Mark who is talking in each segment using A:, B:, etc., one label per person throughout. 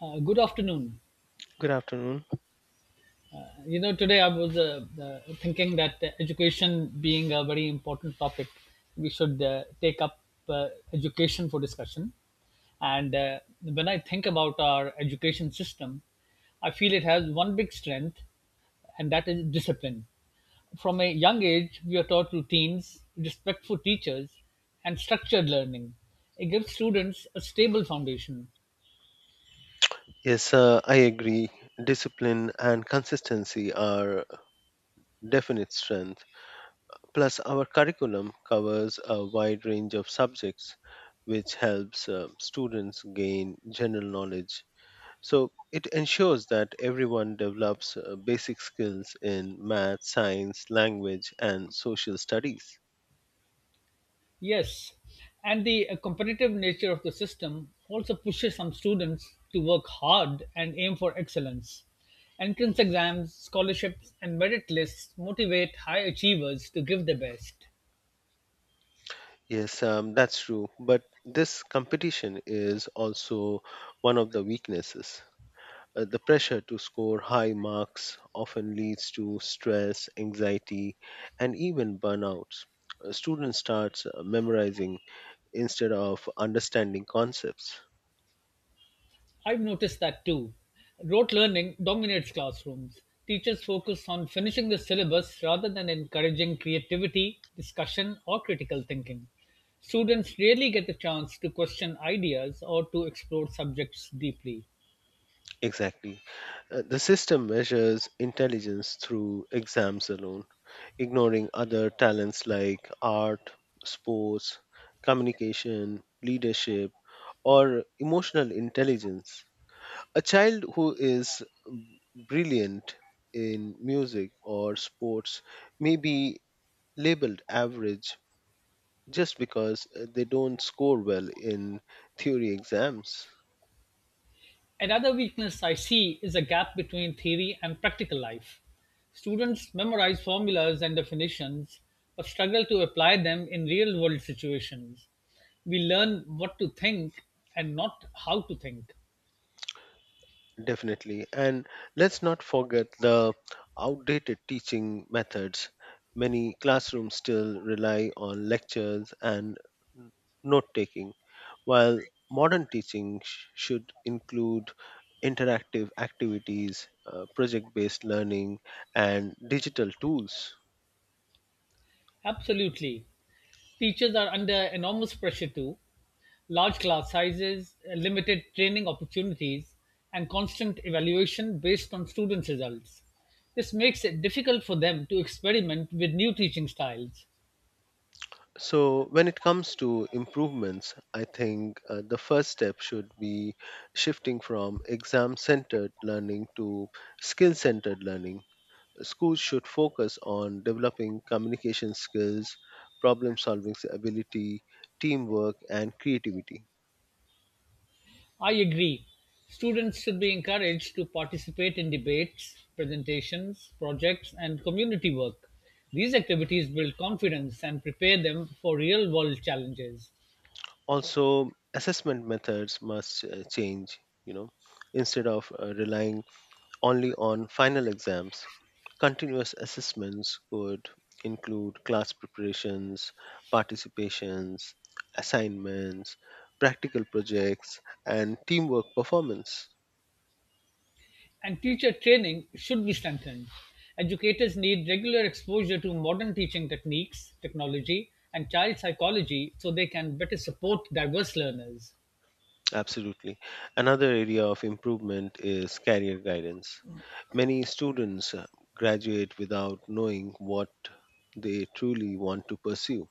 A: Good afternoon.
B: Good afternoon.
A: Today I was thinking that education being a very important topic, we should take up education for discussion. And when I think about our education system, I feel it has one big strength, and that is discipline. From a young age, we are taught routines, respect for teachers, and structured learning. It gives students a stable foundation.
B: Yes, I agree. Discipline and consistency are definite strength. Plus, our curriculum covers a wide range of subjects, which helps students gain general knowledge. So, it ensures that everyone develops basic skills in math, science, language, and social studies.
A: Yes, and the competitive nature of the system also pushes some students to work hard and aim for excellence. Entrance exams, scholarships, and merit lists motivate high achievers to give their best.
B: Yes, that's true. But this competition is also one of the weaknesses. The pressure to score high marks often leads to stress, anxiety, and even burnouts. Students start memorizing instead of understanding concepts.
A: I've noticed that too. Rote learning dominates classrooms. Teachers focus on finishing the syllabus rather than encouraging creativity, discussion, or critical thinking. Students rarely get the chance to question ideas or to explore subjects deeply.
B: Exactly. The system measures intelligence through exams alone, ignoring other talents like art, sports, communication, leadership, or emotional intelligence. A child who is brilliant in music or sports may be labeled average just because they don't score well in theory exams.
A: Another weakness I see is a gap between theory and practical life. Students memorize formulas and definitions, but struggle to apply them in real world situations. We learn what to think and not how to think.
B: Definitely. And let's not forget the outdated teaching methods. Many classrooms still rely on lectures and note taking. While modern teaching should include interactive activities, project based learning, and digital tools.
A: Absolutely. Teachers are under enormous pressure too. Large class sizes, limited training opportunities, and constant evaluation based on students' results. This makes it difficult for them to experiment with new teaching styles.
B: So, when it comes to improvements, I think the first step should be shifting from exam centered learning to skill centered learning. Schools should focus on developing communication skills, problem solving ability, teamwork, and creativity.
A: I agree. Students should be encouraged to participate in debates, presentations, projects, and community work. These activities build confidence and prepare them for real world challenges.
B: Also assessment methods must change, you know, instead of relying only on final exams. Continuous assessments could include class preparations, participations, assignments, practical projects, and teamwork performance.
A: And teacher training should be strengthened. Educators need regular exposure to modern teaching techniques, technology, and child psychology so they can better support diverse learners.
B: Absolutely, another area of improvement is career guidance. Many students graduate without knowing what they truly want to pursue.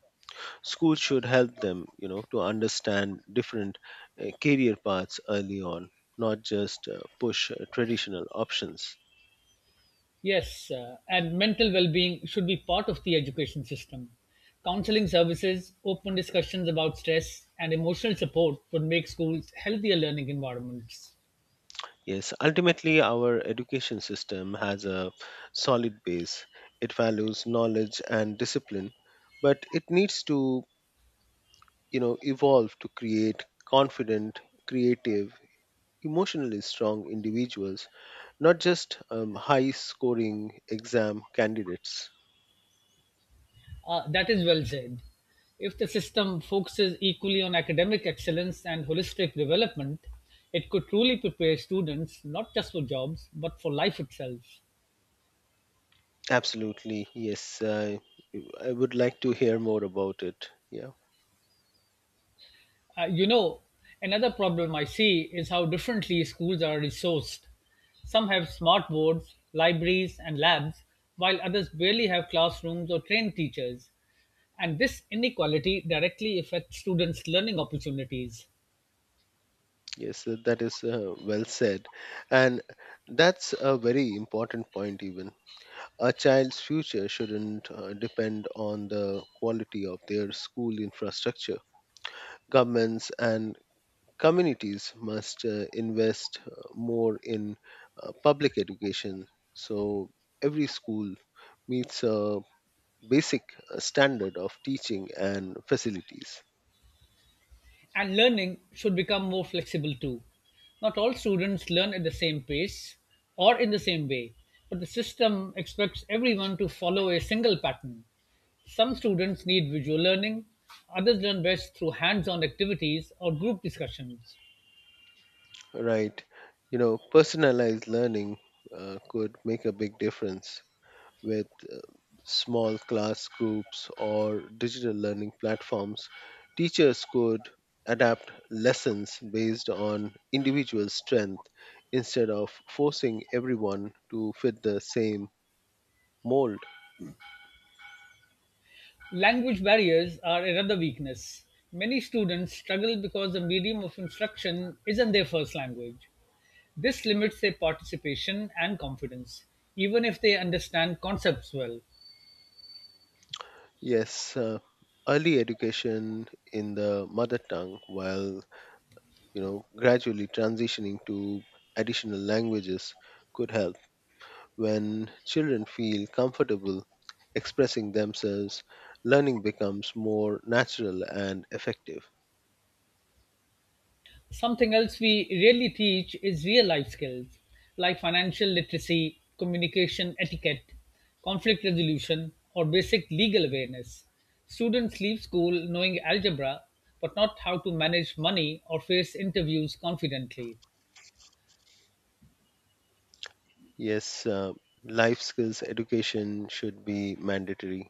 B: Schools should help them, you know, to understand different career paths early on, not just push traditional options.
A: Yes, and mental well being should be part of the education system. Counseling services, open discussions about stress, and emotional support would make schools healthier learning environments.
B: Yes, ultimately, our education system has a solid base. It values knowledge and discipline, but it needs to, you know, evolve to create confident, creative, emotionally strong individuals, not just high scoring exam candidates.
A: That is well said. If the system focuses equally on academic excellence and holistic development, it could truly prepare students not just for jobs but for life itself.
B: Absolutely, yes. I would like to hear more about it. Yeah,
A: Uh, you know, Another problem I see is how differently schools are resourced. Some have smart boards, libraries, and labs, while others barely have classrooms or trained teachers. And this inequality directly affects students' learning opportunities.
B: yes, that is well said. And that's a very important point, even. A child's future shouldn't depend on the quality of their school infrastructure. Governments and communities must invest more in public education, so every school meets a basic standard of teaching and facilities.
A: And learning should become more flexible too. Not all students learn at the same pace or in the same way, but the system expects everyone to follow a single pattern. Some students need visual learning, others learn best through hands on activities or group discussions.
B: Right. You know, personalized learning could make a big difference with small class groups or digital learning platforms. Teachers could adapt lessons based on individual strength instead of forcing everyone to fit the same mold.
A: Language barriers are another weakness. Many students struggle because the medium of instruction isn't their first language. This limits their participation and confidence, even if they understand concepts well.
B: Yes, early education in the mother tongue, while, you know, gradually transitioning to additional languages could help. When children feel comfortable expressing themselves, learning becomes more natural and effective.
A: Something else we really teach is real life skills like financial literacy, communication etiquette, conflict resolution, or basic legal awareness. Students leave school knowing algebra but not how to manage money or face interviews confidently.
B: Yes, life skills education should be mandatory.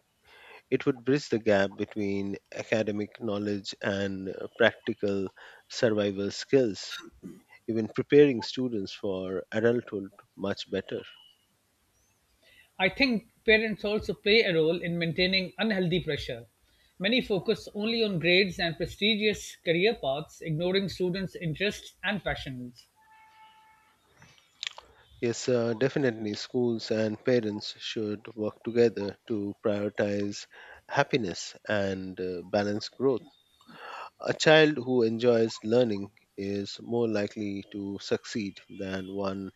B: It would bridge the gap between academic knowledge and practical survival skills, even preparing students for adulthood much better.
A: I think parents also play a role in maintaining unhealthy pressure. Many focus only on grades and prestigious career paths, ignoring students' interests and passions.
B: Yes, definitely. Schools and parents should work together to prioritize happiness and balance growth. A child who enjoys learning is more likely to succeed than one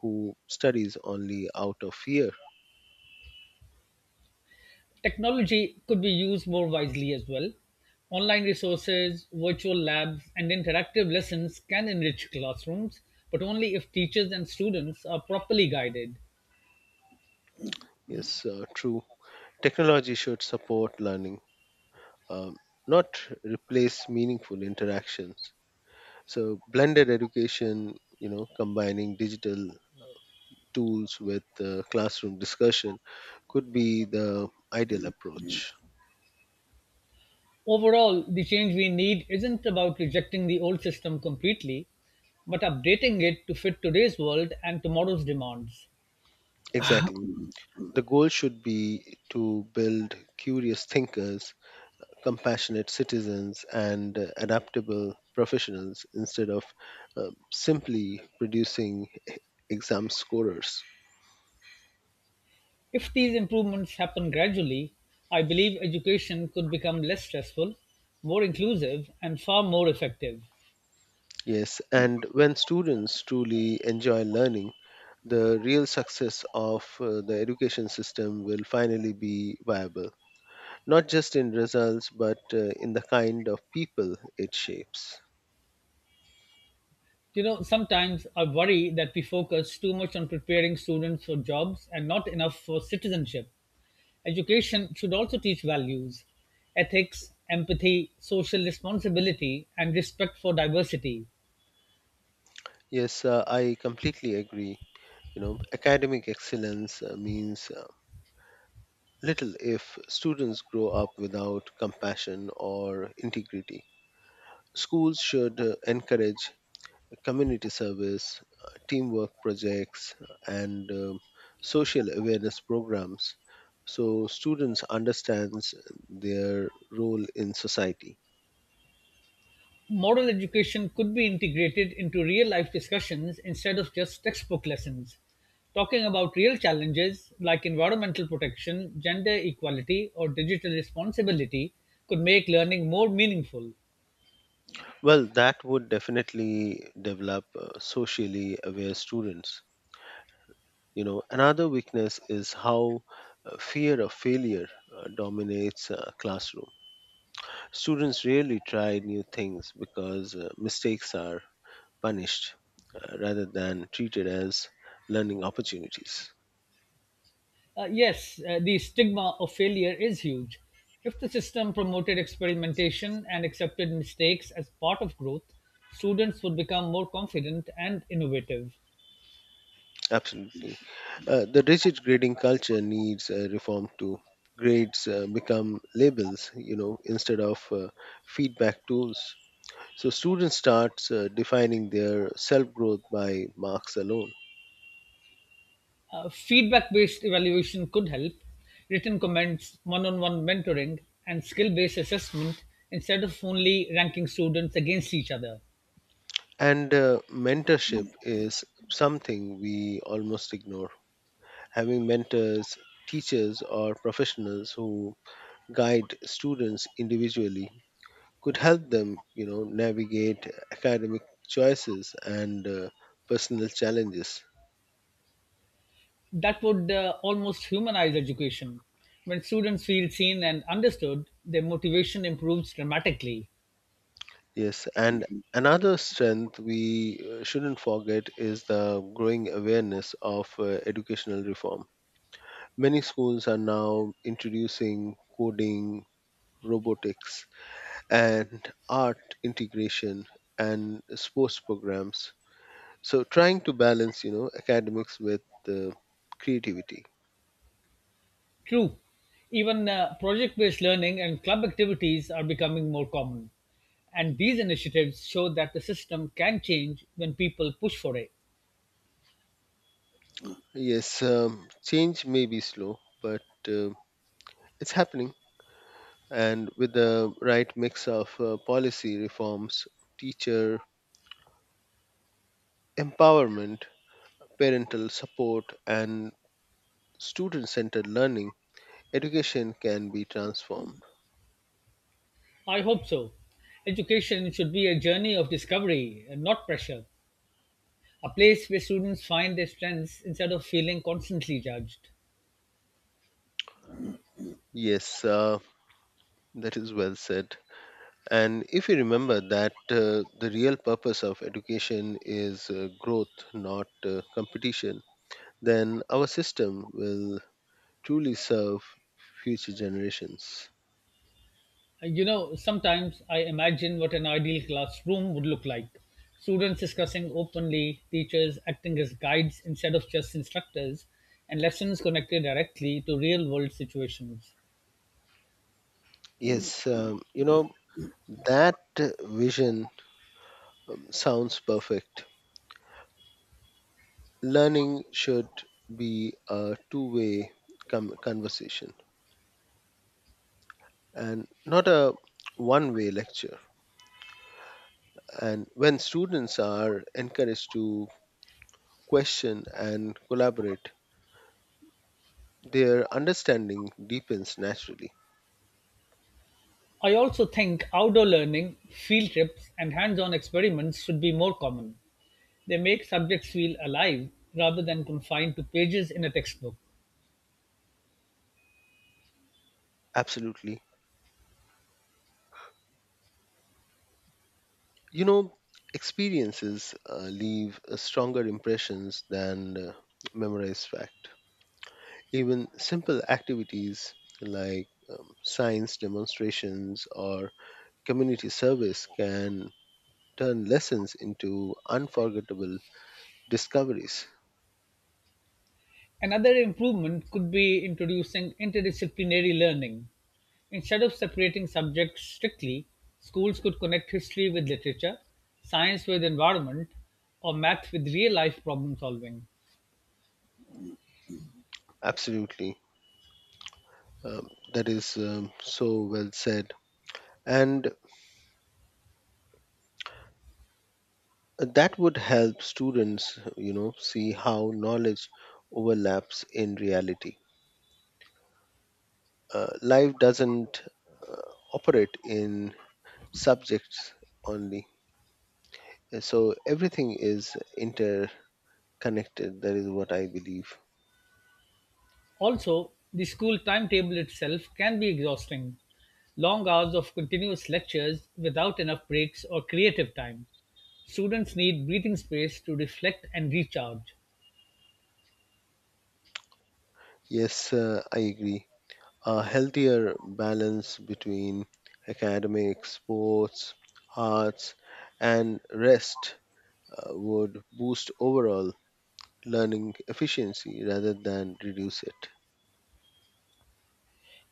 B: who studies only out of fear.
A: Technology could be used more wisely as well. Online resources, virtual labs, and interactive lessons can enrich classrooms, but only if teachers and students are properly guided.
B: Yes, true. Technology should support learning, um, not replace meaningful interactions. So, blended education, you know, combining digital tools with classroom discussion could be the ideal approach.
A: Overall, the change we need isn't about rejecting the old system completely, but updating it to fit today's world and tomorrow's demands.
B: Exactly. The goal should be to build curious thinkers, compassionate citizens, and adaptable professionals instead of simply producing exam scorers.
A: If these improvements happen gradually, I believe education could become less stressful, more inclusive, and far more effective.
B: Yes, and when students truly enjoy learning, the real success of the education system will finally be viable, not just in results, but in the kind of people it shapes.
A: You know, sometimes I worry that we focus too much on preparing students for jobs and not enough for citizenship. Education should also teach values, ethics, empathy, social responsibility, and respect for diversity.
B: Yes, I completely agree. You know, academic excellence means little if students grow up without compassion or integrity. Schools should encourage community service, teamwork projects, and social awareness programs so students understands their role in society.
A: Moral education could be integrated into real life discussions instead of just textbook lessons. Talking about real challenges like environmental protection, gender equality, or digital responsibility could make learning more meaningful.
B: Well, that would definitely develop socially aware students. You know, another weakness is how fear of failure dominates classroom. Students rarely try new things because mistakes are punished rather than treated as learning opportunities.
A: Yes, the stigma of failure is huge. If the system promoted experimentation and accepted mistakes as part of growth, students would become more confident and innovative.
B: Absolutely. The rigid grading culture needs reform too. Grades become labels, you know, instead of feedback tools. So students start defining their self growth by marks alone.
A: Feedback based evaluation could help. Written comments, one on one mentoring, and skill based assessment instead of only ranking students against each other.
B: And mentorship is something we almost ignore. Having mentors, teachers, or professionals who guide students individually could help them, you know, navigate academic choices and personal challenges.
A: That would almost humanize education. When students feel seen and understood, their motivation improves dramatically.
B: Yes, and another strength we shouldn't forget is the growing awareness of educational reform. Many schools are now introducing coding, robotics, and art integration and sports programs. So trying to balance, you know, academics with uh, creativity.
A: True. Even project based learning and club activities are becoming more common. And these initiatives show that the system can change when people push for it.
B: Yes, change may be slow, but uh, it's happening. And with the right mix of policy reforms, teacher empowerment, parental support, and student centered learning, education can be transformed.
A: I hope so. Education should be a journey of discovery and not pressure, a place where students find their strengths instead of feeling constantly judged.
B: Yes, that is well said. And if you remember that the real purpose of education is growth, not competition, then our system will truly serve future generations.
A: You know, sometimes I imagine what an ideal classroom would look like. Students discussing openly, teachers acting as guides instead of just instructors, and lessons connected directly to real world situations.
B: Yes, you know, that vision sounds perfect. Learning should be a two way conversation and not a one way lecture, and when students are encouraged to question, and collaborate, their understanding deepens naturally.
A: I also think outdoor learning, field trips, and hands on experiments should be more common. They make subjects feel alive rather than confined to pages in a textbook.
B: Absolutely. You know, experiences leave stronger impressions than memorized fact. Even simple activities like science demonstrations or community service can turn lessons into unforgettable discoveries.
A: Another improvement could be introducing interdisciplinary learning. Instead of separating subjects strictly, schools could connect history with literature, science with environment, or math with real life problem solving.
B: Absolutely. Um, that is so well said. And that would help students, you know, see how knowledge overlaps in reality. Life doesn't uh, operate in subjects only. So everything is interconnected, that is what I believe.
A: Also, the school timetable itself can be exhausting. Long hours of continuous lectures without enough breaks or creative time. Students need breathing space to reflect and recharge.
B: Yes, I agree. A healthier balance between academics, sports, arts, and rest would boost overall learning efficiency rather than reduce it.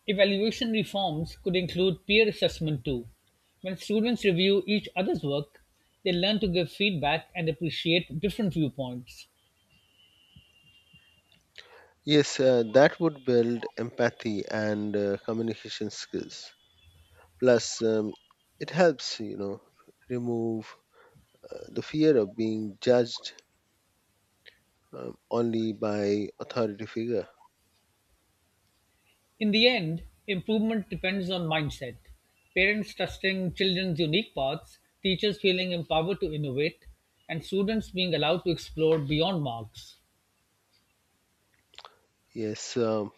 A: Evaluation reforms could include peer assessment too. When students review each other's work, they learn to give feedback and appreciate different viewpoints.
B: Yes, that would build empathy and communication skills. Plus, it helps, you know, remove the fear of being judged only by authority figure.
A: In the end, improvement depends on mindset. Parents trusting children's unique paths, teachers feeling empowered to innovate, and students being allowed to explore beyond marks.
B: Yes,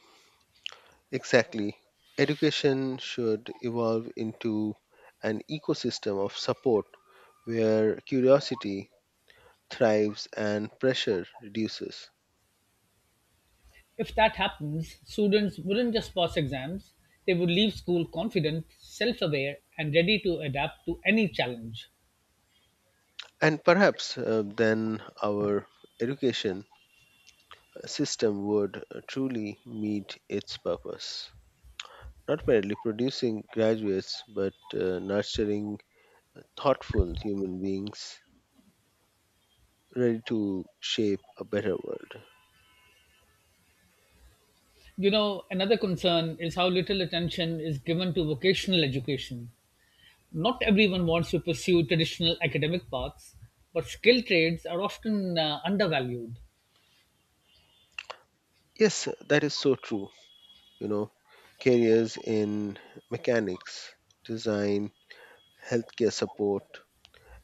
B: exactly. Education should evolve into an ecosystem of support where curiosity thrives and pressure reduces.
A: If that happens, students wouldn't just pass exams, they would leave school confident, self aware, and ready to adapt to any challenge.
B: And perhaps then our education system would truly meet its purpose, not merely producing graduates, but nurturing thoughtful human beings ready to shape a better world.
A: You know, another concern is how little attention is given to vocational education. Not everyone wants to pursue traditional academic paths, but skilled trades are often undervalued.
B: Yes, that is so true. You know, careers in mechanics, design, healthcare support,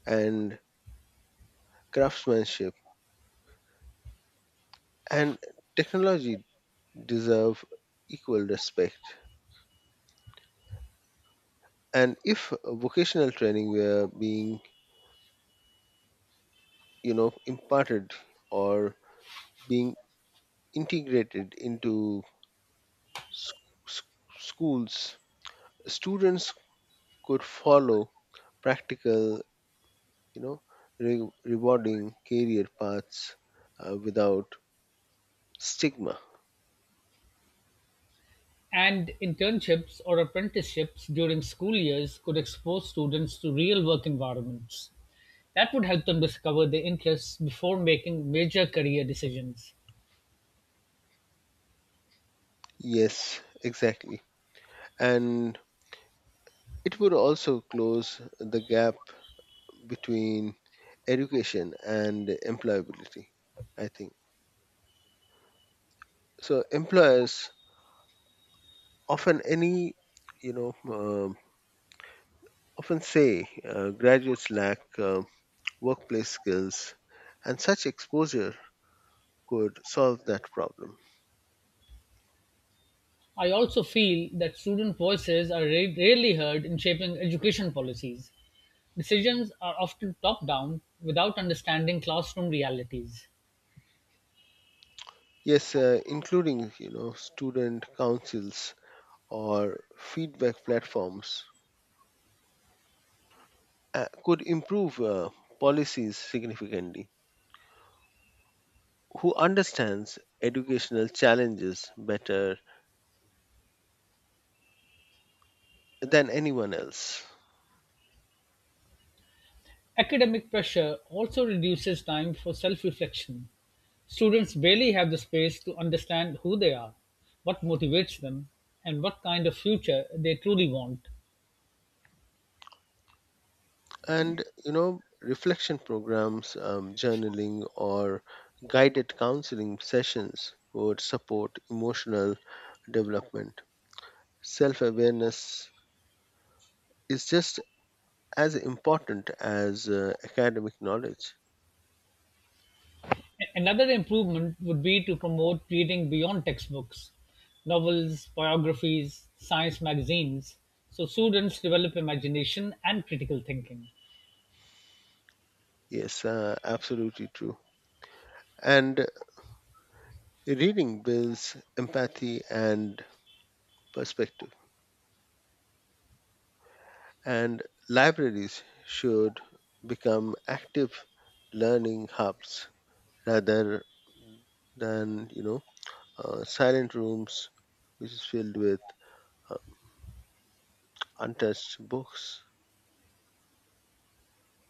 B: and craftsmanship and technology deserve equal respect. And if vocational training were being, you know, imparted or being integrated into s- s- schools, students could follow practical, you know, rewarding career paths without stigma.
A: And internships or apprenticeships during school years could expose students to real work environments. That would help them discover their interests before making major career decisions.
B: Yes, exactly. And it would also close the gap between education and employability, I think. So employers often any, you know, um, often say graduates lack workplace skills, and such exposure could solve that problem.
A: I also feel that student voices are rarely heard in shaping education policies. Decisions are often top-down, without understanding classroom realities.
B: Yes, including, you know, student councils or feedback platforms could improve policies significantly. Who understands educational challenges better than anyone else?
A: Academic pressure also reduces time for self-reflection. Students barely have the space to understand who they are, what motivates them, and what kind of future they truly want.
B: And, you know, reflection programs, journaling or guided counseling sessions would support emotional development. Self-awareness is just as important as academic knowledge.
A: Another improvement would be to promote reading beyond textbooks, novels, biographies, science magazines, so students develop imagination and critical thinking.
B: Yes, absolutely true. And reading builds empathy and perspective. And libraries should become active learning hubs rather than, you know, silent rooms, which is filled with uh, untouched books.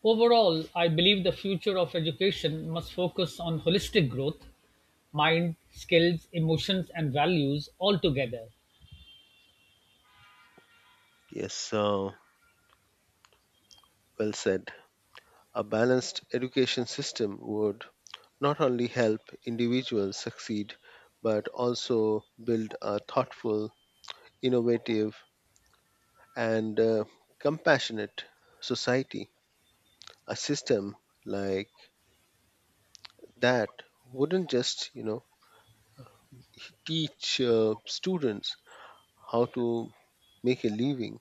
A: Overall, I believe the future of education must focus on holistic growth, mind, skills, emotions, and values all together.
B: Yes, well said. A balanced education system would not only help individuals succeed, but also build a thoughtful, innovative, and compassionate society. A system like that wouldn't just, you know, teach students how to make a living.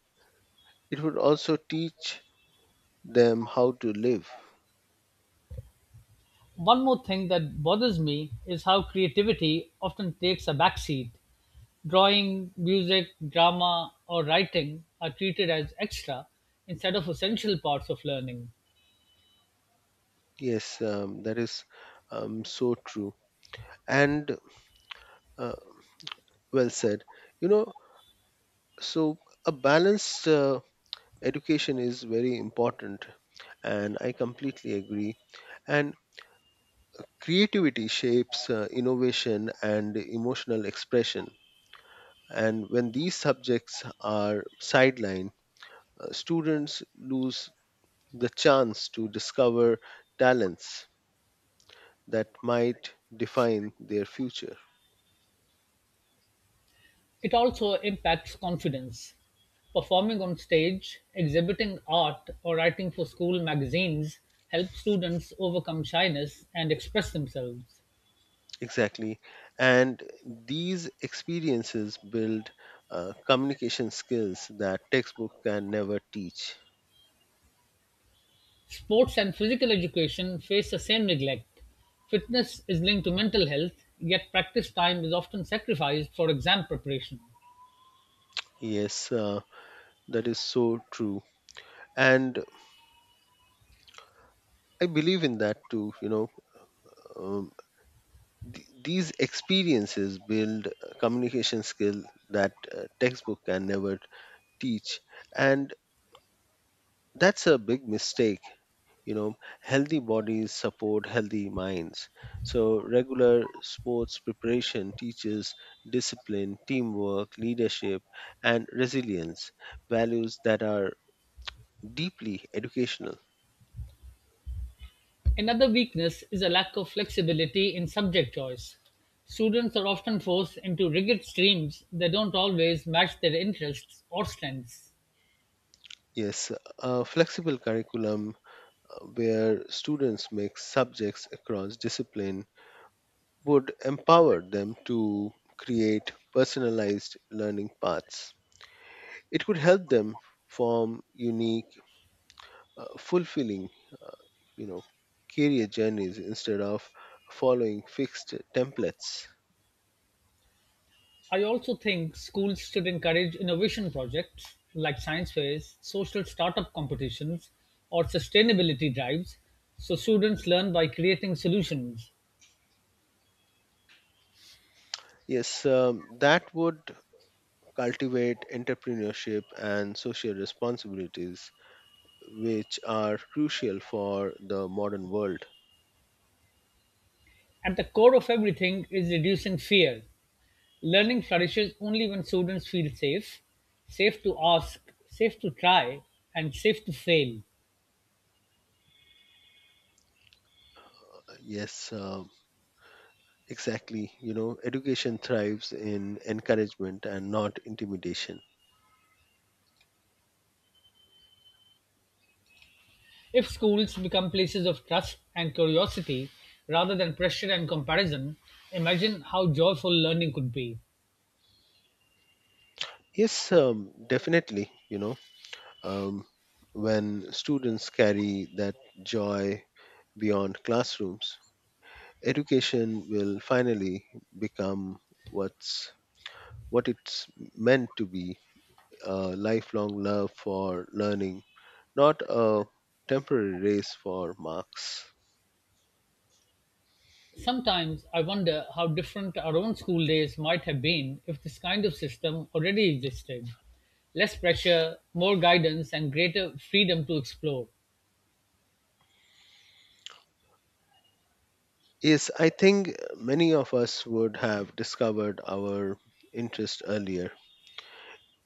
B: It would also teach them how to live.
A: One more thing that bothers me is how creativity often takes a backseat. Drawing, music, drama, or writing are treated as extra instead of essential parts of learning.
B: Yes, that is so true. And uh, well said. You know, so a balanced education is very important, and I completely agree. And creativity shapes innovation and emotional expression. And when these subjects are sidelined, students lose the chance to discover talents that might define their future.
A: It also impacts confidence; performing on stage, exhibiting art, or writing for school magazines help students overcome shyness and express themselves.
B: Exactly. And these experiences build communication skills that textbook can never teach.
A: Sports and physical education face the same neglect. Fitness is linked to mental health, yet practice time is often sacrificed for exam preparation.
B: Yes, that is so true. And I believe in that too. You know, um, these experiences build communication skill that textbook can never teach. And that's a big mistake, you know, healthy bodies support healthy minds. So regular sports preparation teaches discipline, teamwork, leadership, and resilience, values that are deeply educational.
A: Another weakness is a lack of flexibility in subject choice. Students are often forced into rigid streams that don't always match their interests or strengths.
B: Yes, a flexible curriculum where students mix subjects across discipline would empower them to create personalized learning paths. It could help them form unique, fulfilling, uh, you know, career journeys instead of following fixed templates.
A: I also think schools should encourage innovation projects like science fairs, social startup competitions, or sustainability drives so students learn by creating solutions.
B: Yes, that would cultivate entrepreneurship and social responsibilities which are crucial for the modern world.
A: At the core of everything is reducing fear. Learning flourishes only when students feel safe, safe to ask, safe to try, and safe to fail.
B: Yes, exactly, you know, education thrives in encouragement and not intimidation.
A: If schools become places of trust and curiosity rather than pressure and comparison, imagine how joyful learning could be.
B: Yes, definitely, you know, um, when students carry that joy beyond classrooms, education will finally become what's what it's meant to be, a lifelong love for learning, not a temporary race for marks.
A: Sometimes I wonder how different our own school days might have been if this kind of system already existed. Less pressure, more guidance, and greater freedom to explore.
B: Yes, I think many of us would have discovered our interest earlier.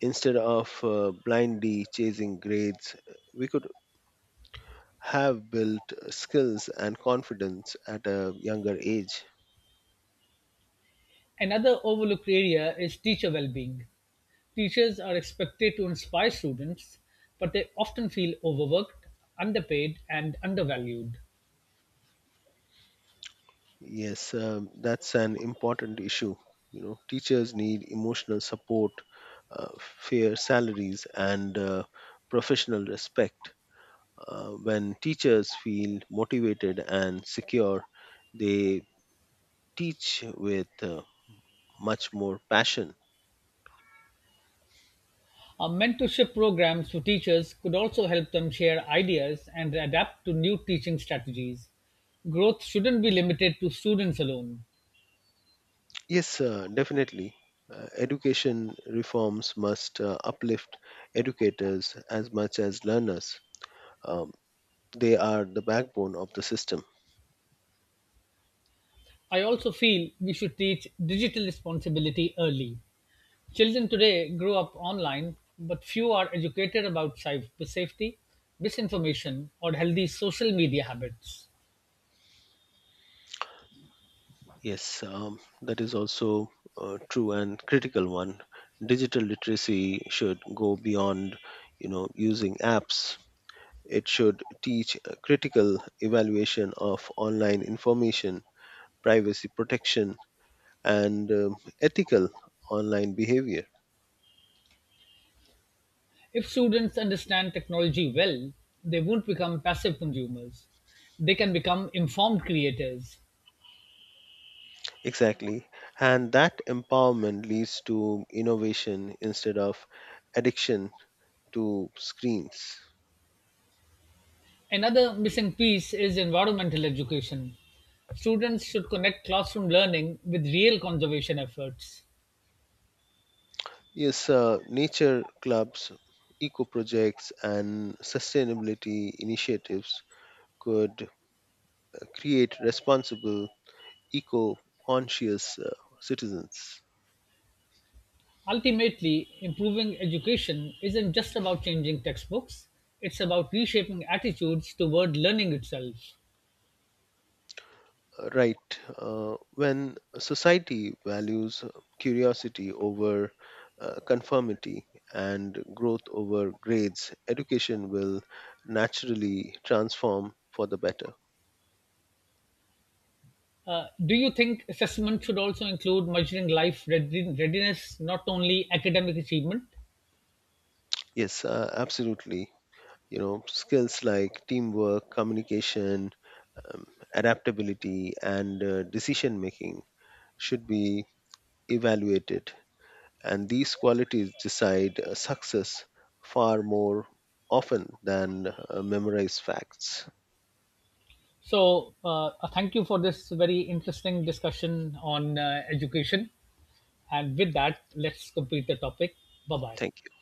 B: Instead of blindly chasing grades, we could have built skills and confidence at a younger age.
A: Another overlooked area is teacher well being. Teachers are expected to inspire students, but they often feel overworked, underpaid, and undervalued.
B: Yes, that's an important issue. You know, teachers need emotional support, fair salaries, and professional respect. When teachers feel motivated and secure, they teach with much more passion.
A: Our mentorship programs for teachers could also help them share ideas and adapt to new teaching strategies. Growth shouldn't be limited to students alone.
B: Yes, definitely. Education reforms must uplift educators as much as learners. Um, they are the backbone of the system.
A: I also feel we should teach digital responsibility early. Children today grow up online, but few are educated about cyber safety, misinformation, or healthy social media habits.
B: Yes, that is also a true and critical one. Digital literacy should go beyond, you know, using apps. It should teach a critical evaluation of online information, privacy protection, and ethical online behavior.
A: If students understand technology well, they won't become passive consumers. They can become informed creators.
B: Exactly. And that empowerment leads to innovation instead of addiction to screens.
A: Another missing piece is environmental education. Students should connect classroom learning with real conservation efforts.
B: Yes, nature clubs, eco projects, and sustainability initiatives could create responsible, eco conscious citizens.
A: Ultimately, improving education isn't just about changing textbooks, it's about reshaping attitudes toward learning itself.
B: Right, when society values curiosity over conformity and growth over grades, education will naturally transform for the better.
A: Do you think assessment should also include measuring life readiness, not only academic achievement?
B: Yes, absolutely. You know, skills like teamwork, communication, um, adaptability, and decision making should be evaluated, and these qualities decide success far more often than memorized facts.
A: So, thank you for this very interesting discussion on education. And with that, let's complete the topic. Bye bye.
B: Thank you.